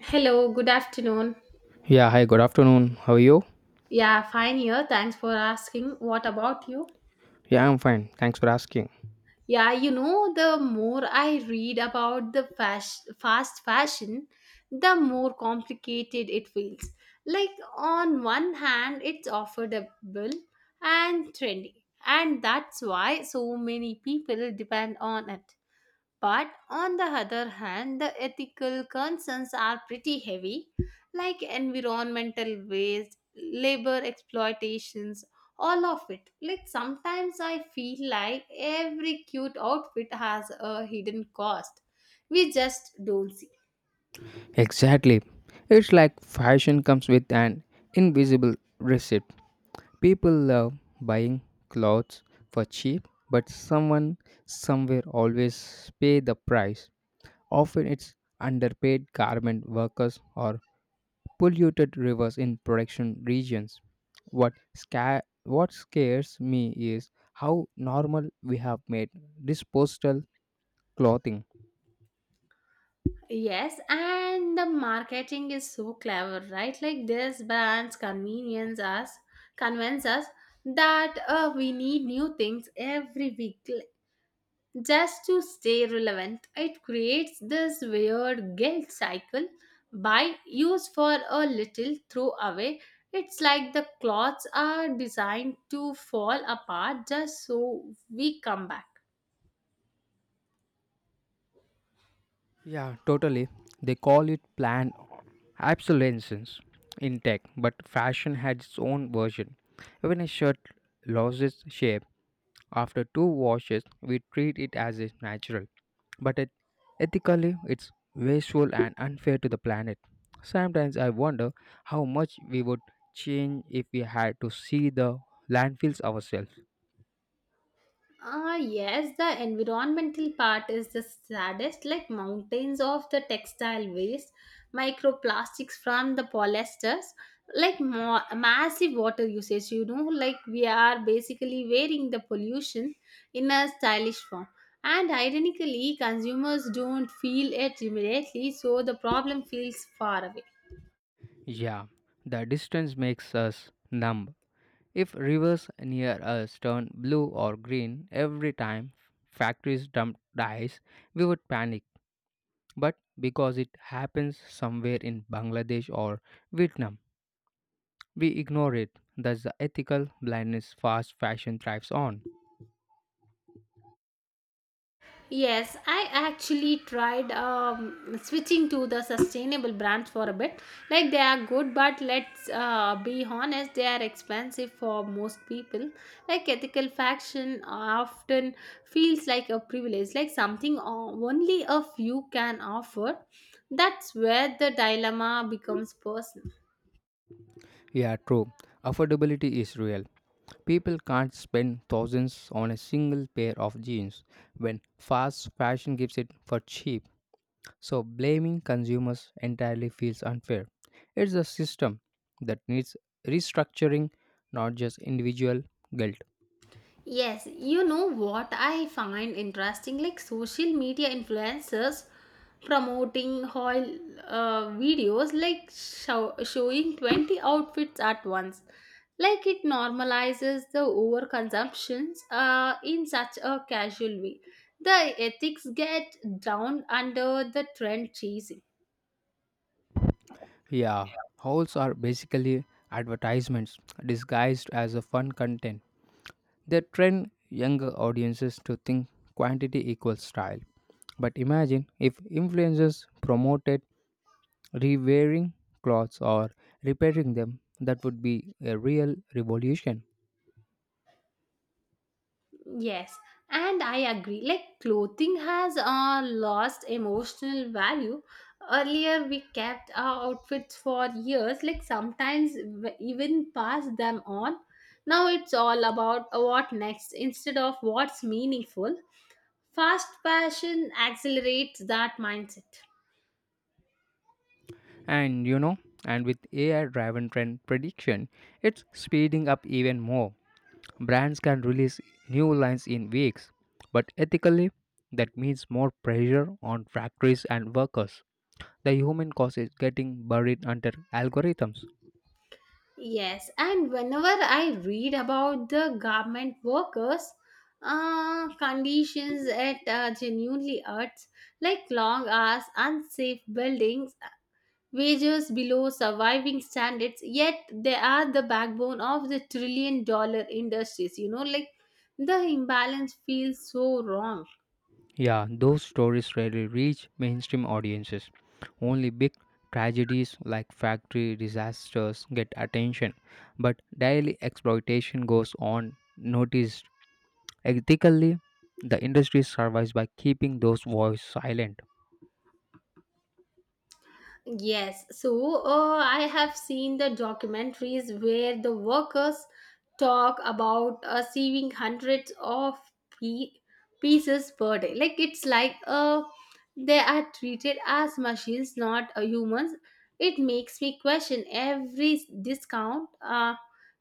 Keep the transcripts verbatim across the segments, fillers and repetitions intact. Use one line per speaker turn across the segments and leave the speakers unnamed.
Hello, good afternoon.
Yeah, hi, good afternoon. How are you?
Yeah, fine here. Thanks for asking. What about you?
Yeah, I'm fine. Thanks for asking.
Yeah, you know, the more I read about the fas- fast fashion, the more complicated it feels. Like, on one hand, it's affordable and trendy, and that's why so many people depend on it. But on the other hand, the ethical concerns are pretty heavy, like environmental waste, labor exploitations, all of it. Like sometimes I feel like every cute outfit has a hidden cost. We just don't see.
Exactly. It's like fashion comes with an invisible receipt. People love buying clothes for cheap, but someone somewhere always pay the price. Often it's underpaid garment workers or polluted rivers in production regions. What sca- what scares me is how normal we have made disposable clothing.
Yes, and the marketing is so clever, right? Like this brands convenience us, convince us that uh, we need new things every week. Just to stay relevant. It creates this weird guilt cycle by use for a little throw away. It's like the clothes are designed to fall apart just so we come back.
Yeah, totally. They call it planned obsolescence in tech, but fashion had its own version. When a shirt loses shape after two washes, we treat it as is natural, but it, ethically, it's wasteful and unfair to the planet. Sometimes I wonder how much we would change if we had to see the landfills ourselves.
Ah, yes, the environmental part is the saddest, like mountains of the textile waste, microplastics from the polyesters, like more, massive water usage. You know, like we are basically wearing the pollution in a stylish form. And ironically, consumers don't feel it immediately, so the problem feels far away.
Yeah, the distance makes us numb. If rivers near us turn blue or green every time factories dump dyes, we would panic. But because it happens somewhere in Bangladesh or Vietnam, we ignore it. Thus, the ethical blindness fast fashion thrives on.
Yes, I actually tried um, switching to the sustainable brands for a bit. Like they are good, but let's uh, be honest, they are expensive for most people. Like ethical fashion often feels like a privilege, like something o- only a few can offer. That's where the dilemma becomes personal.
Yeah, true. Affordability is real. People can't spend thousands on a single pair of jeans when fast fashion gives it for cheap. So blaming consumers entirely feels unfair. It's a system that needs restructuring, not just individual guilt.
Yes, you know what I find interesting, like social media influencers promoting haul uh, videos like show, showing twenty outfits at once. Like it normalizes the overconsumptions uh, in such a casual way. The ethics get down under the trend chasing.
Yeah, hauls are basically advertisements disguised as a fun content. They train younger audiences to think quantity equals style. But imagine if influencers promoted re-wearing clothes or repairing them; that would be a real revolution.
Yes, and I agree. Like clothing has uh, lost emotional value. Earlier, we kept our outfits for years, like sometimes w- even passed them on. Now it's all about what next instead of what's meaningful. Fast fashion accelerates that mindset.
And you know, and with A I driven trend prediction, it's speeding up even more. Brands can release new lines in weeks, but ethically, that means more pressure on factories and workers. The human cost is getting buried under algorithms.
Yes, and whenever I read about the garment workers, uh, conditions it uh, genuinely hurts, like long hours, unsafe buildings, wages below surviving standards. Yet they are the backbone of the trillion-dollar industries. You know, like the imbalance feels so wrong.
Yeah, those stories rarely reach mainstream audiences. Only big tragedies like factory disasters get attention, but daily exploitation goes on noticed. Ethically, the industry survives by keeping those voices silent.
Yes, so uh, I have seen the documentaries where the workers talk about uh, saving hundreds of pe- pieces per day. Like it's like uh, they are treated as machines, not uh, humans. It makes me question every discount uh,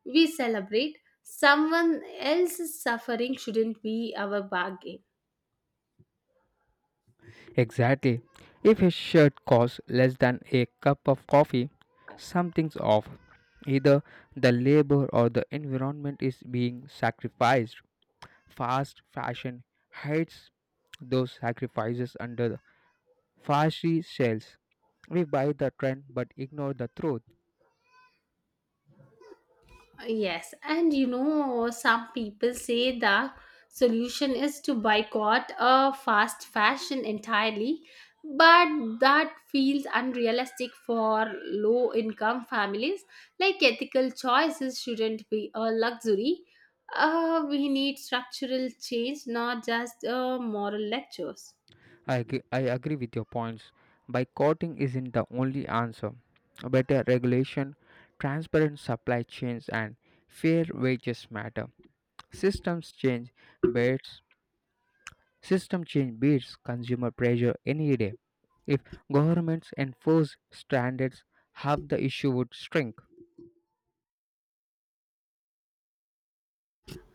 we celebrate. Someone else's suffering shouldn't be our bargain.
Exactly. If a shirt costs less than a cup of coffee, something's off. Either the labor or the environment is being sacrificed. Fast fashion hides those sacrifices under the flashy sales. We buy the trend but ignore the truth.
Yes, and you know, some people say the solution is to boycott a fast fashion entirely, but that feels unrealistic for low income families. Like ethical choices shouldn't be a luxury. Uh, we need structural change, not just uh, moral lectures.
I, ag- I agree with your points. Boycotting isn't the only answer. Better regulation, transparent supply chains, and fair wages matter. Systems change beats System change beats consumer pressure any day. If governments enforce standards, half the issue would shrink.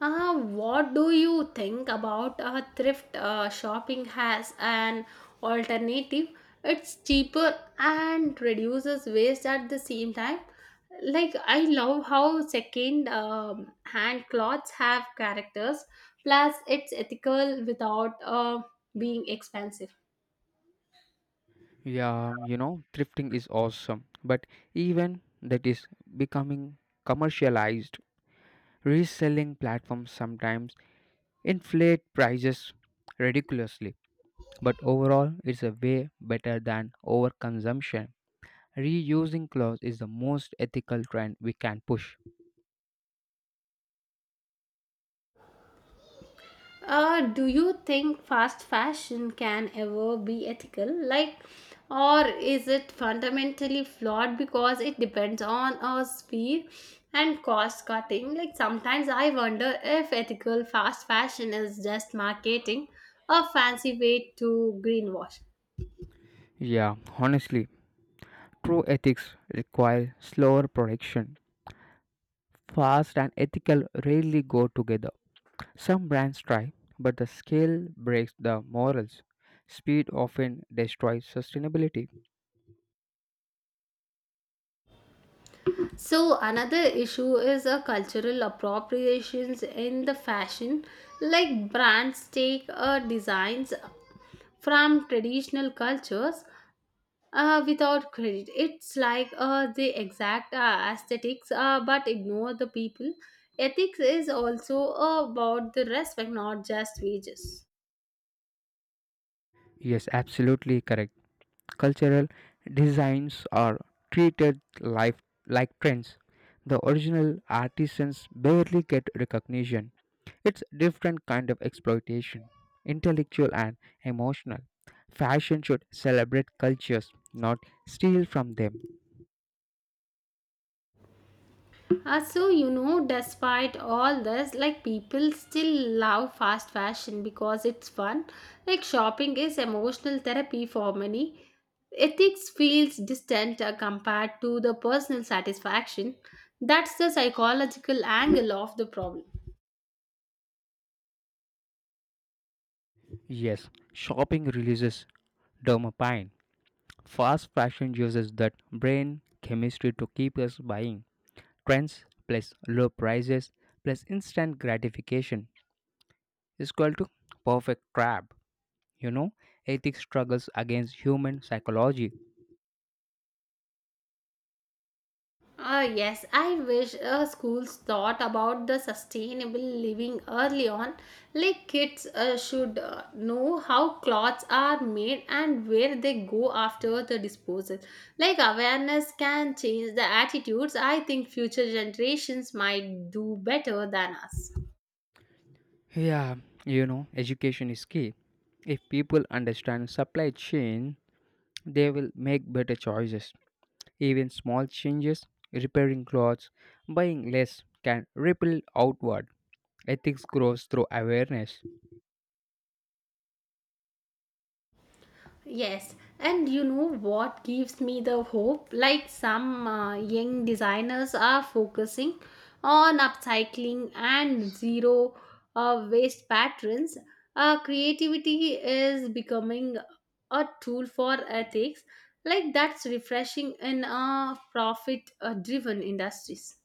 Uh, what do you think about a thrift uh, shopping as an alternative? It's cheaper and reduces waste at the same time. Like, I love how second um, hand clothes have characters, plus, it's ethical without uh, being expensive.
Yeah, um, you know, thrifting is awesome, but even that is becoming commercialized. Reselling platforms sometimes inflate prices ridiculously, but overall, it's a way better than overconsumption. Reusing clothes is the most ethical trend we can push.
Uh, do you think fast fashion can ever be ethical? Like, or is it fundamentally flawed because it depends on our speed and cost cutting? Like, sometimes I wonder if ethical fast fashion is just marketing, a fancy way to greenwash.
Yeah, honestly, true ethics require slower production. Fast and ethical rarely go together. Some brands try, but the scale breaks the morals. Speed often destroys sustainability.
So another issue is a cultural appropriations in the fashion, like brands take uh, designs from traditional cultures uh, without credit. It's like uh, the exact uh, aesthetics, uh, but ignore the people. Ethics is also about the respect, not just wages.
Yes, absolutely correct. Cultural designs are treated life, like trends. The original artisans barely get recognition. It's different kind of exploitation, intellectual and emotional. Fashion should celebrate cultures, not steal from them.
Uh, so you know, despite all this, like people still love fast fashion because it's fun. Like shopping is emotional therapy for many. Ethics feels distant uh, compared to the personal satisfaction. That's the psychological angle of the problem.
Yes, shopping releases dopamine. Fast fashion uses that brain chemistry to keep us buying. Trends plus low prices plus instant gratification is equal to perfect trap. You know, ethics struggles against human psychology.
Ah yes, I wish uh, schools thought about the sustainable living early on. Like kids uh, should uh, know how clothes are made and where they go after the disposal. Like awareness can change the attitudes. I think future generations might do better than us.
Yeah, you know, education is key. If people understand supply chain, they will make better choices. Even small changes, repairing clothes, buying less, can ripple outward. Ethics grows through awareness.
Yes, and you know what gives me the hope? Like some uh, young designers are focusing on upcycling and zero uh, waste patterns. Uh, creativity is becoming a tool for ethics. Like that's refreshing in uh, profit uh, driven industries.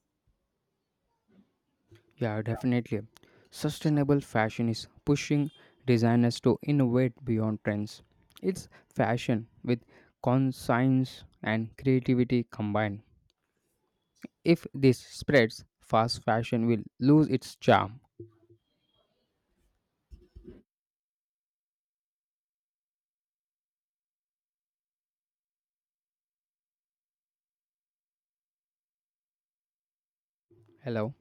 Yeah, definitely. Sustainable fashion is pushing designers to innovate beyond trends. It's fashion with conscience and creativity combined. If this spreads, fast fashion will lose its charm. Hello?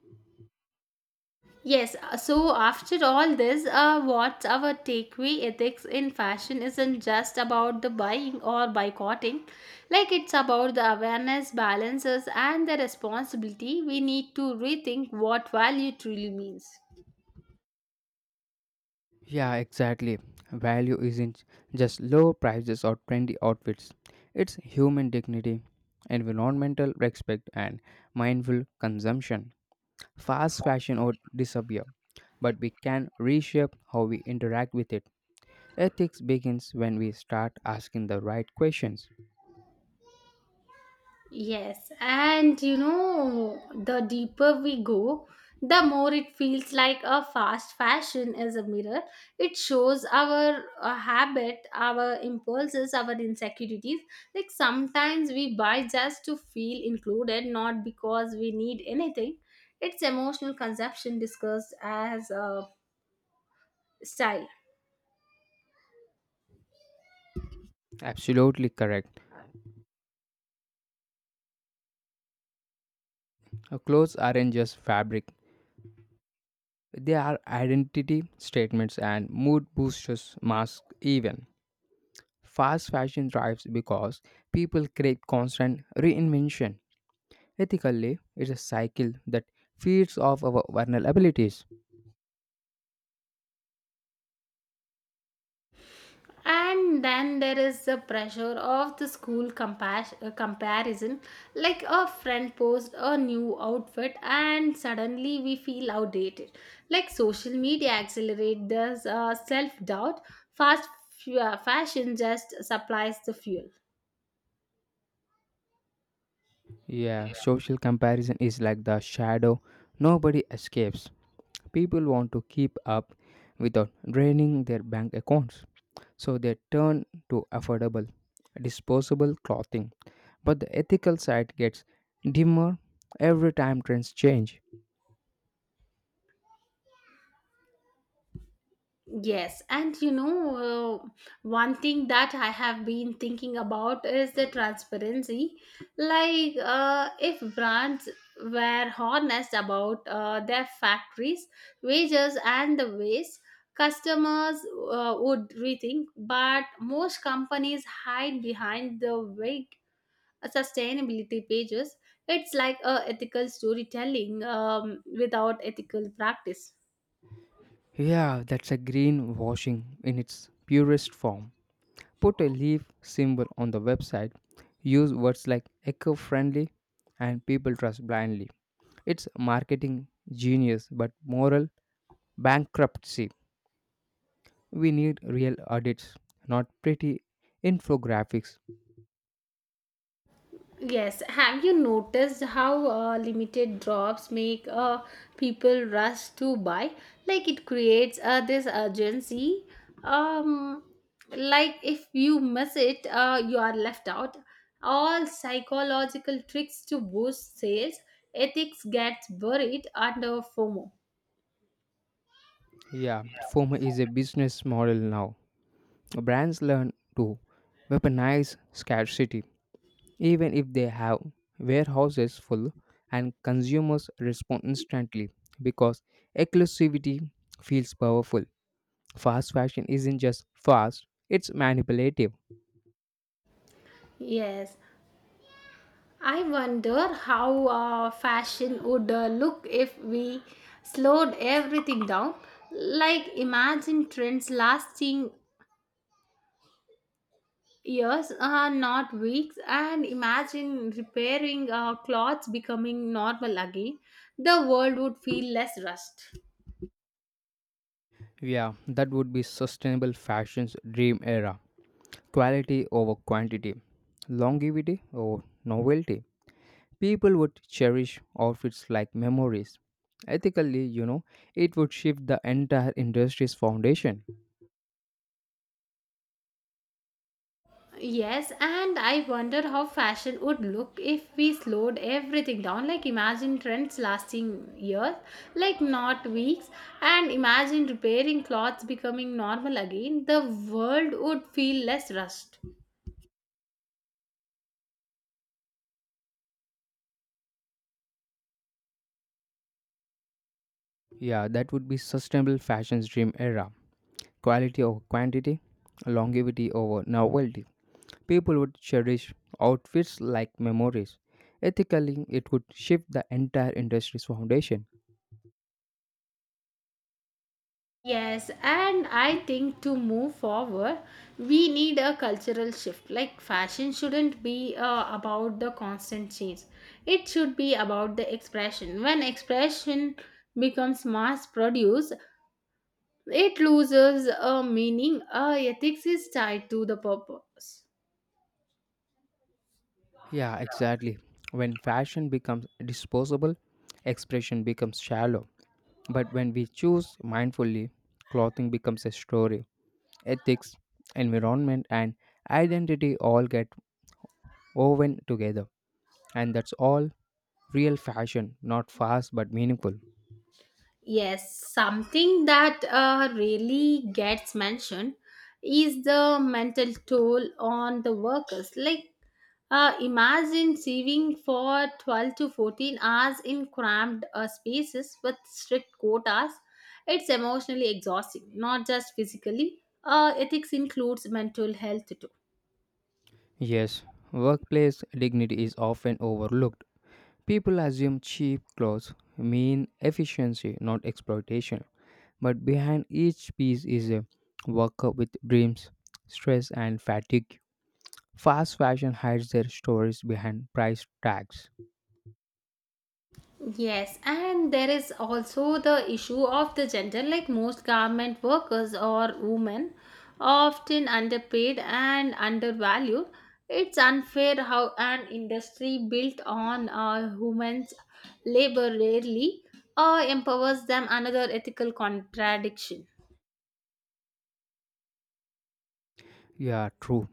Yes, uh, so after all this, uh, what's our takeaway? Ethics in fashion isn't just about the buying or boycotting. Like it's about the awareness, balances, and the responsibility. We need to rethink what value truly means.
Yeah, exactly. Value isn't just low prices or trendy outfits, it's human dignity, environmental respect, and mindful consumption. Fast fashion would disappear, but we can reshape how we interact with it. Ethics begins when we start asking the right questions.
Yes, and you know, the deeper we go, the more it feels like a fast fashion is a mirror. It shows our uh, habit, our impulses, our insecurities. Like sometimes we buy just to feel included, not because we need anything. It's emotional consumption discussed as a style.
Absolutely correct. Our clothes aren't just fabric, they are identity statements and mood boosters, masks, even. Fast fashion thrives because people crave constant reinvention. Ethically, it's a cycle that feeds off our vulnerabilities.
And then there is the pressure of the school compass- uh, comparison, like a friend posts a new outfit and suddenly we feel outdated. Like social media accelerates the uh, self doubt. Fast f- uh, fashion just supplies the fuel.
Yeah, social comparison is like the shadow nobody escapes. People want to keep up without draining their bank accounts, so they turn to affordable, disposable clothing, but the ethical side gets dimmer every time trends change.
Yes, and you know, uh, one thing that I have been thinking about is the transparency. Like, uh, if brands were honest about uh, their factories, wages, and the waste, customers uh, would rethink. But most companies hide behind the vague sustainability pages. It's like uh, ethical storytelling um, without ethical practice.
Yeah, that's a greenwashing in its purest form. Put a leaf symbol on the website. Use words like eco friendly and people trust blindly. It's marketing genius but moral bankruptcy. We need real audits, not pretty infographics.
Yes, have you noticed how uh, limited drops make uh, people rush to buy? Like it creates uh, this urgency. Um, like if you miss it, uh, you are left out. All psychological tricks to boost sales, ethics gets buried under FOMO.
Yeah, FOMO is a business model now. Brands learn to weaponize scarcity, even if they have warehouses full, and consumers respond instantly because exclusivity feels powerful. Fast fashion isn't just fast, it's manipulative.
Yes, I wonder how uh, fashion would uh, look if we slowed everything down. Like, imagine trends lasting years, uh, not weeks, and imagine repairing uh, clothes becoming normal again. The world would feel less rushed.
Yeah, that would be sustainable fashion's dream era. Quality over quantity, longevity over novelty. People would cherish outfits like memories. Ethically, you know, it would shift the entire industry's foundation.
Yes, and I wonder how fashion would look if we slowed everything down. Like, imagine trends lasting years, like not weeks, and imagine repairing clothes becoming normal again. The world would feel less rushed.
Yeah, that would be sustainable fashion's dream era. Quality over quantity, longevity over novelty. People would cherish outfits like memories. Ethically, it could shift the entire industry's foundation.
Yes, and I think to move forward, we need a cultural shift. Like, fashion shouldn't be uh, about the constant change, it should be about the expression. When expression becomes mass produced, it loses a meaning. Uh, ethics is tied to the purpose.
Yeah, exactly. When fashion becomes disposable, expression becomes shallow. But when we choose mindfully, clothing becomes a story. Ethics, environment, and identity all get woven together. And that's all real fashion, not fast but meaningful.
Yes, something that uh, really gets mentioned is the mental toll on the workers. Like, uh, imagine saving for twelve to fourteen hours in cramped uh, spaces with strict quotas. It's emotionally exhausting, not just physically. Uh, ethics includes mental health too.
Yes, workplace dignity is often overlooked. People assume cheap clothes mean efficiency, not exploitation. But behind each piece is a worker with dreams, stress, and fatigue. Fast fashion hides their stories behind price tags.
Yes, and there is also the issue of the gender. Like most garment workers or women, often underpaid and undervalued. It's unfair how an industry built on uh, women's labor rarely uh, empowers them. Another ethical contradiction.
Yeah, true.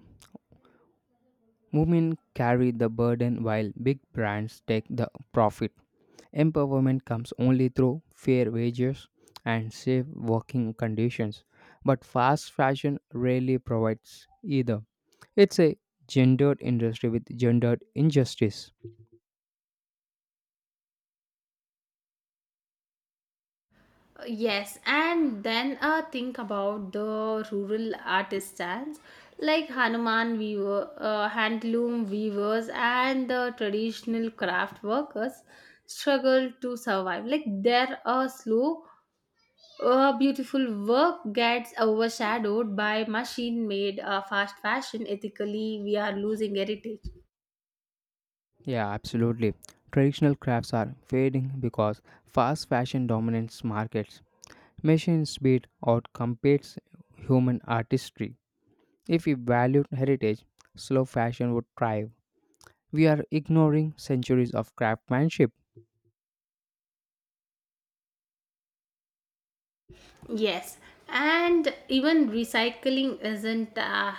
Women carry the burden while big brands take the profit. Empowerment comes only through fair wages and safe working conditions. But fast fashion rarely provides either. It's a gendered industry with gendered injustice.
Yes, and then uh, think about the rural artisans like Hanuman weaver, uh, handloom weavers, and the traditional craft workers struggle to survive. Like their uh, slow, uh, beautiful work gets overshadowed by machine-made uh, fast fashion. Ethically, we are losing heritage.
Yeah, absolutely. Traditional crafts are fading because fast fashion dominates markets. Machine speed outcompetes human artistry. If we valued heritage, slow fashion would thrive. We are ignoring centuries of craftsmanship.
Yes, and even recycling isn't uh,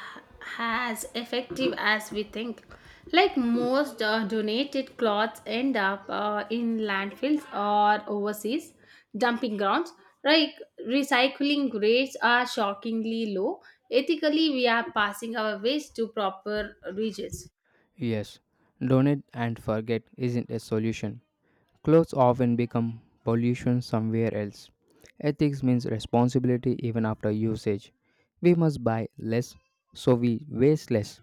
as effective as we think. Like most uh, donated clothes end up uh, in landfills or overseas dumping grounds. Like recycling rates are shockingly low. Ethically, we are passing our waste to proper regions.
Yes, donate and forget isn't a solution. Clothes often become pollution somewhere else. Ethics means responsibility even after usage. We must buy less so we waste less.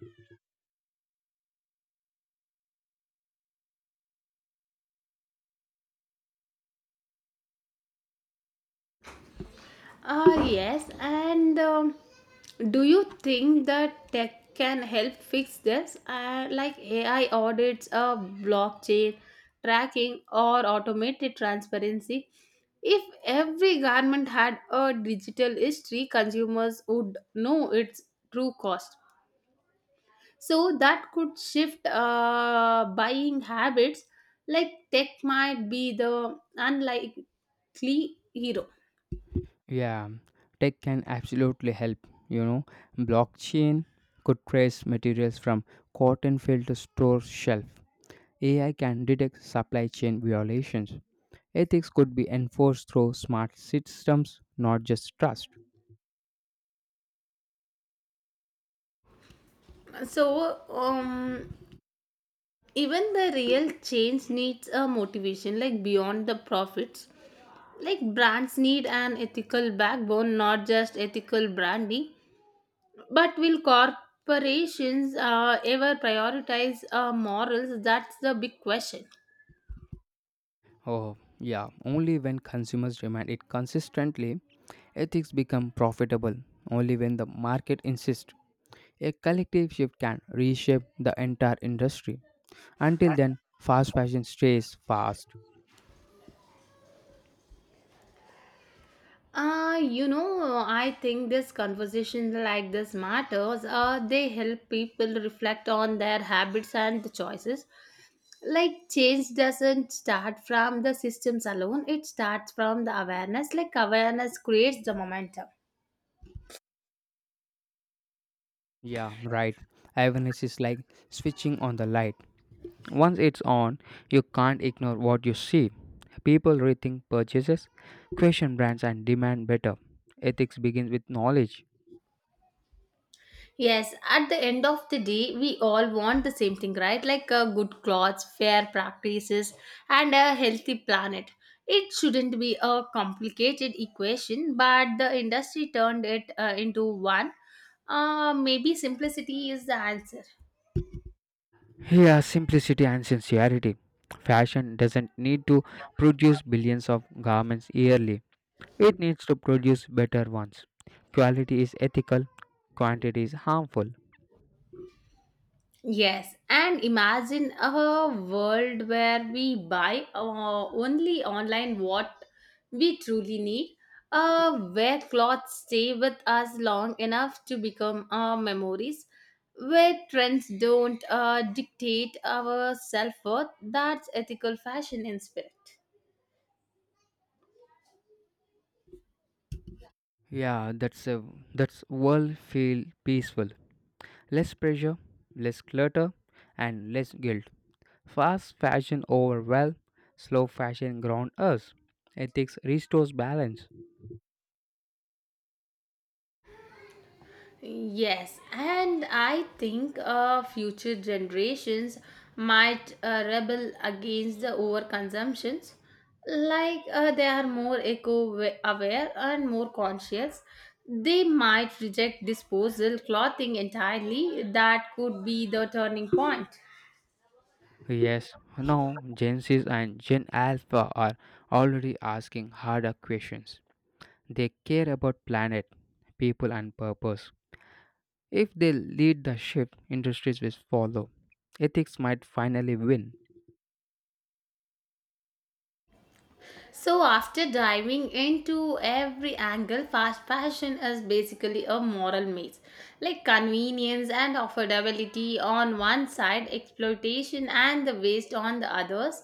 Ah, yes. And um, do you think that tech can help fix this? Uh, like A I audits, uh, blockchain tracking, or automated transparency? If every garment had a digital history, consumers would know its true cost. So that could shift uh, buying habits. Like tech might be the unlikely hero.
Yeah, tech can absolutely help. You know, blockchain could trace materials from cotton field to store shelf. A I can detect supply chain violations. Ethics could be enforced through smart systems, not just trust.
So, um, even the real change needs a motivation, like beyond the profits. Like brands need an ethical backbone, not just ethical branding. But will corporations uh, ever prioritize uh, morals? That's the big question.
Oh, yeah, only when consumers demand it consistently, ethics become profitable. Only when the market insists. A collective shift can reshape the entire industry. Until then, fast fashion stays fast.
uh, you know, I think this conversation like this matters. Uh, they help people reflect on their habits and the choices. Like change doesn't start from the systems alone, it starts from the awareness. Like awareness creates the momentum.
Yeah, right. Awareness is like switching on the light. Once it's on, you can't ignore what you see. People rethink purchases, question brands, and demand better. Ethics begins with knowledge.
Yes, at the end of the day we all want the same thing, right? Like uh, good clothes, fair practices and a healthy planet. It shouldn't be a complicated equation, but the industry turned it uh, into one. Uh, maybe simplicity is the answer.
Here, simplicity and sincerity. Fashion doesn't need to produce billions of garments yearly, it needs to produce better ones. Quality is ethical, quantity is harmful.
Yes, and imagine a world where we buy uh, only online what we truly need, uh, where clothes stay with us long enough to become our memories, where trends don't uh, dictate our self worth. That's ethical fashion in spirit.
Yeah, that's a, that's world feel peaceful. Less pressure, less clutter, and less guilt. Fast fashion overwhelm, slow fashion ground us. Ethics restores balance.
Yes, and I think uh, future generations might uh, rebel against the overconsumptions. Like uh, they are more eco aware and more conscious. They might reject disposal clothing entirely. That could be the turning point.
Yes, now Gen Zs and Gen Alpha are already asking harder questions. They care about planet, people, and purpose. If they lead the shift, industries will follow. Ethics might finally win.
So, after diving into every angle, fast fashion is basically a moral maze. Like convenience and affordability on one side, exploitation and the waste on the others.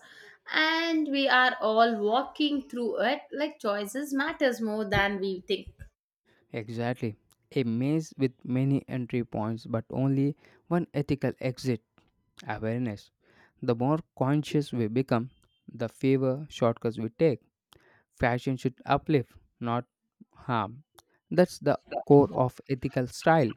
And we are all walking through it. Like choices matters more than we think.
Exactly. A maze with many entry points, but only one ethical exit, awareness. The more conscious we become, the fewer shortcuts we take. Fashion should uplift, not harm. That's the core of ethical style.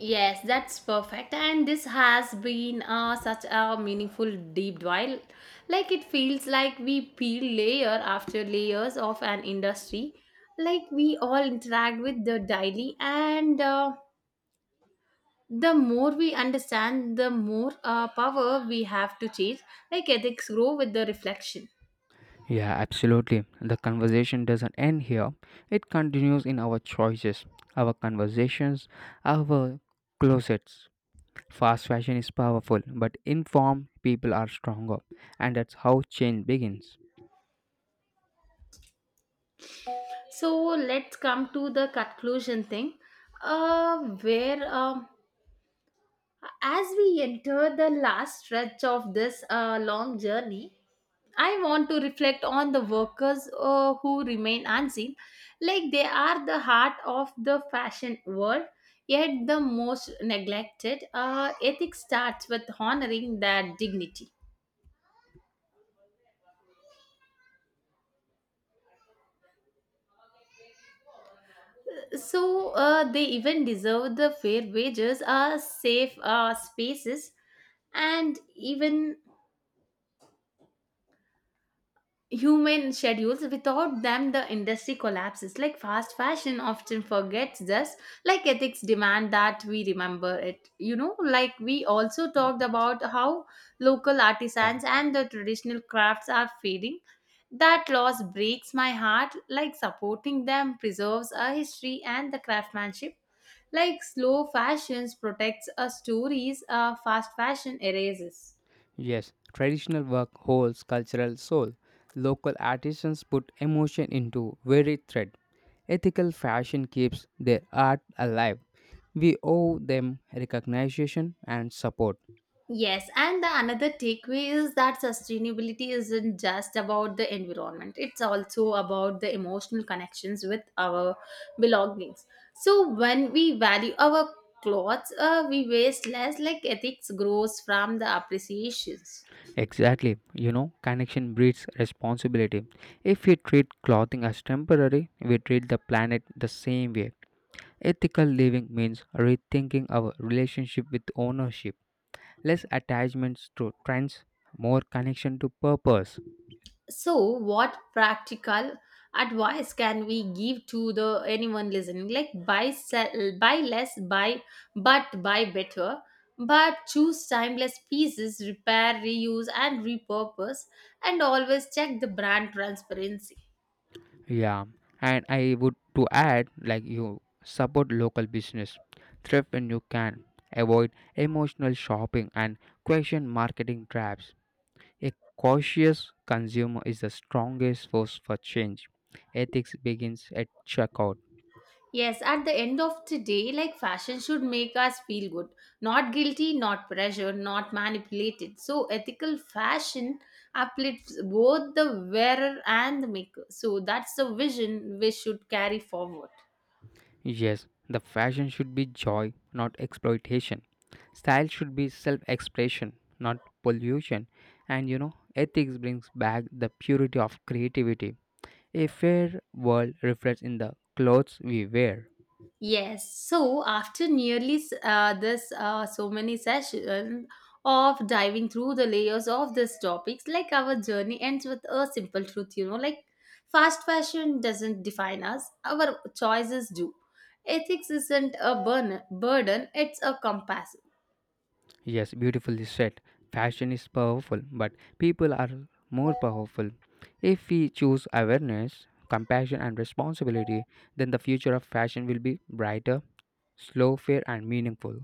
Yes, that's perfect. And this has been uh, such a meaningful deep dive. Like it feels like we peel layer after layers of an industry. Like we all interact with the daily, and uh, the more we understand, the more uh, power we have to change. Like ethics grow with the reflection.
Yeah, absolutely. The conversation doesn't end here, it continues in our choices, our conversations, our closets. Fast fashion is powerful, but informed people are stronger, and that's how change begins.
So let's come to the conclusion thing, uh, where. Um As we enter the last stretch of this uh, long journey, I want to reflect on the workers uh, who remain unseen. Like they are the heart of the fashion world, yet the most neglected. Uh, ethics starts with honoring their dignity. So uh, they even deserve the fair wages, uh, safe uh, spaces, and even human schedules. Without them the industry collapses. Like fast fashion often forgets this. Like ethics demand that we remember it. You know like we also talked
Yes.
about how local
Yeah.
artisans and the traditional crafts are fading. That loss breaks my heart. Like supporting them preserves our history and the craftsmanship. Like slow fashions protects our stories. Uh, fast fashion erases.
Yes, traditional work holds cultural soul. Local artisans put emotion into very thread. Ethical fashion keeps their art alive. We owe them recognition and support.
Yes, and the another takeaway is that sustainability isn't just about the environment. It's also about the emotional connections with our belongings. So when we value our clothes, uh, we waste less. Like ethics grows from the appreciations.
Exactly. You know, connection breeds responsibility. If we treat clothing as temporary, we treat the planet the same way. Ethical living means rethinking our relationship with ownership, less attachments to trends, more connection to purpose.
So, what practical advice can we give to the anyone listening? Like buy sell, buy less, buy but buy better. But choose timeless pieces, repair, reuse, and repurpose, and always check the brand transparency.
Yeah. And I would to add like you support local business, thrift when you can, avoid emotional shopping, and question marketing traps. A cautious consumer is the strongest force for change. Ethics begins at checkout.
Yes, at the end of the day, like fashion should make us feel good, not guilty, not pressure, not manipulated. So, ethical fashion uplifts both the wearer and the maker. So, that's the vision we should carry forward.
Yes, the fashion should be joy, not exploitation. Style should be self expression, not pollution. And you know, ethics brings back the purity of creativity. A fair world reflects in the clothes we wear.
Yes. So after nearly s- uh, this uh, so many sessions of diving through the layers of these topics, like our journey ends with a simple truth, you know, like fast fashion doesn't define us; our choices do. Ethics isn't a burn- burden; it's a compass.
Yes, beautifully said. Fashion is powerful, but people are more powerful. If we choose awareness, compassion, and responsibility, then the future of fashion will be brighter, slow, fair, and meaningful.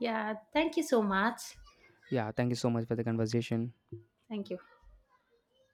Yeah. Thank you so much.
Yeah, thank you so much for the conversation.
Thank you.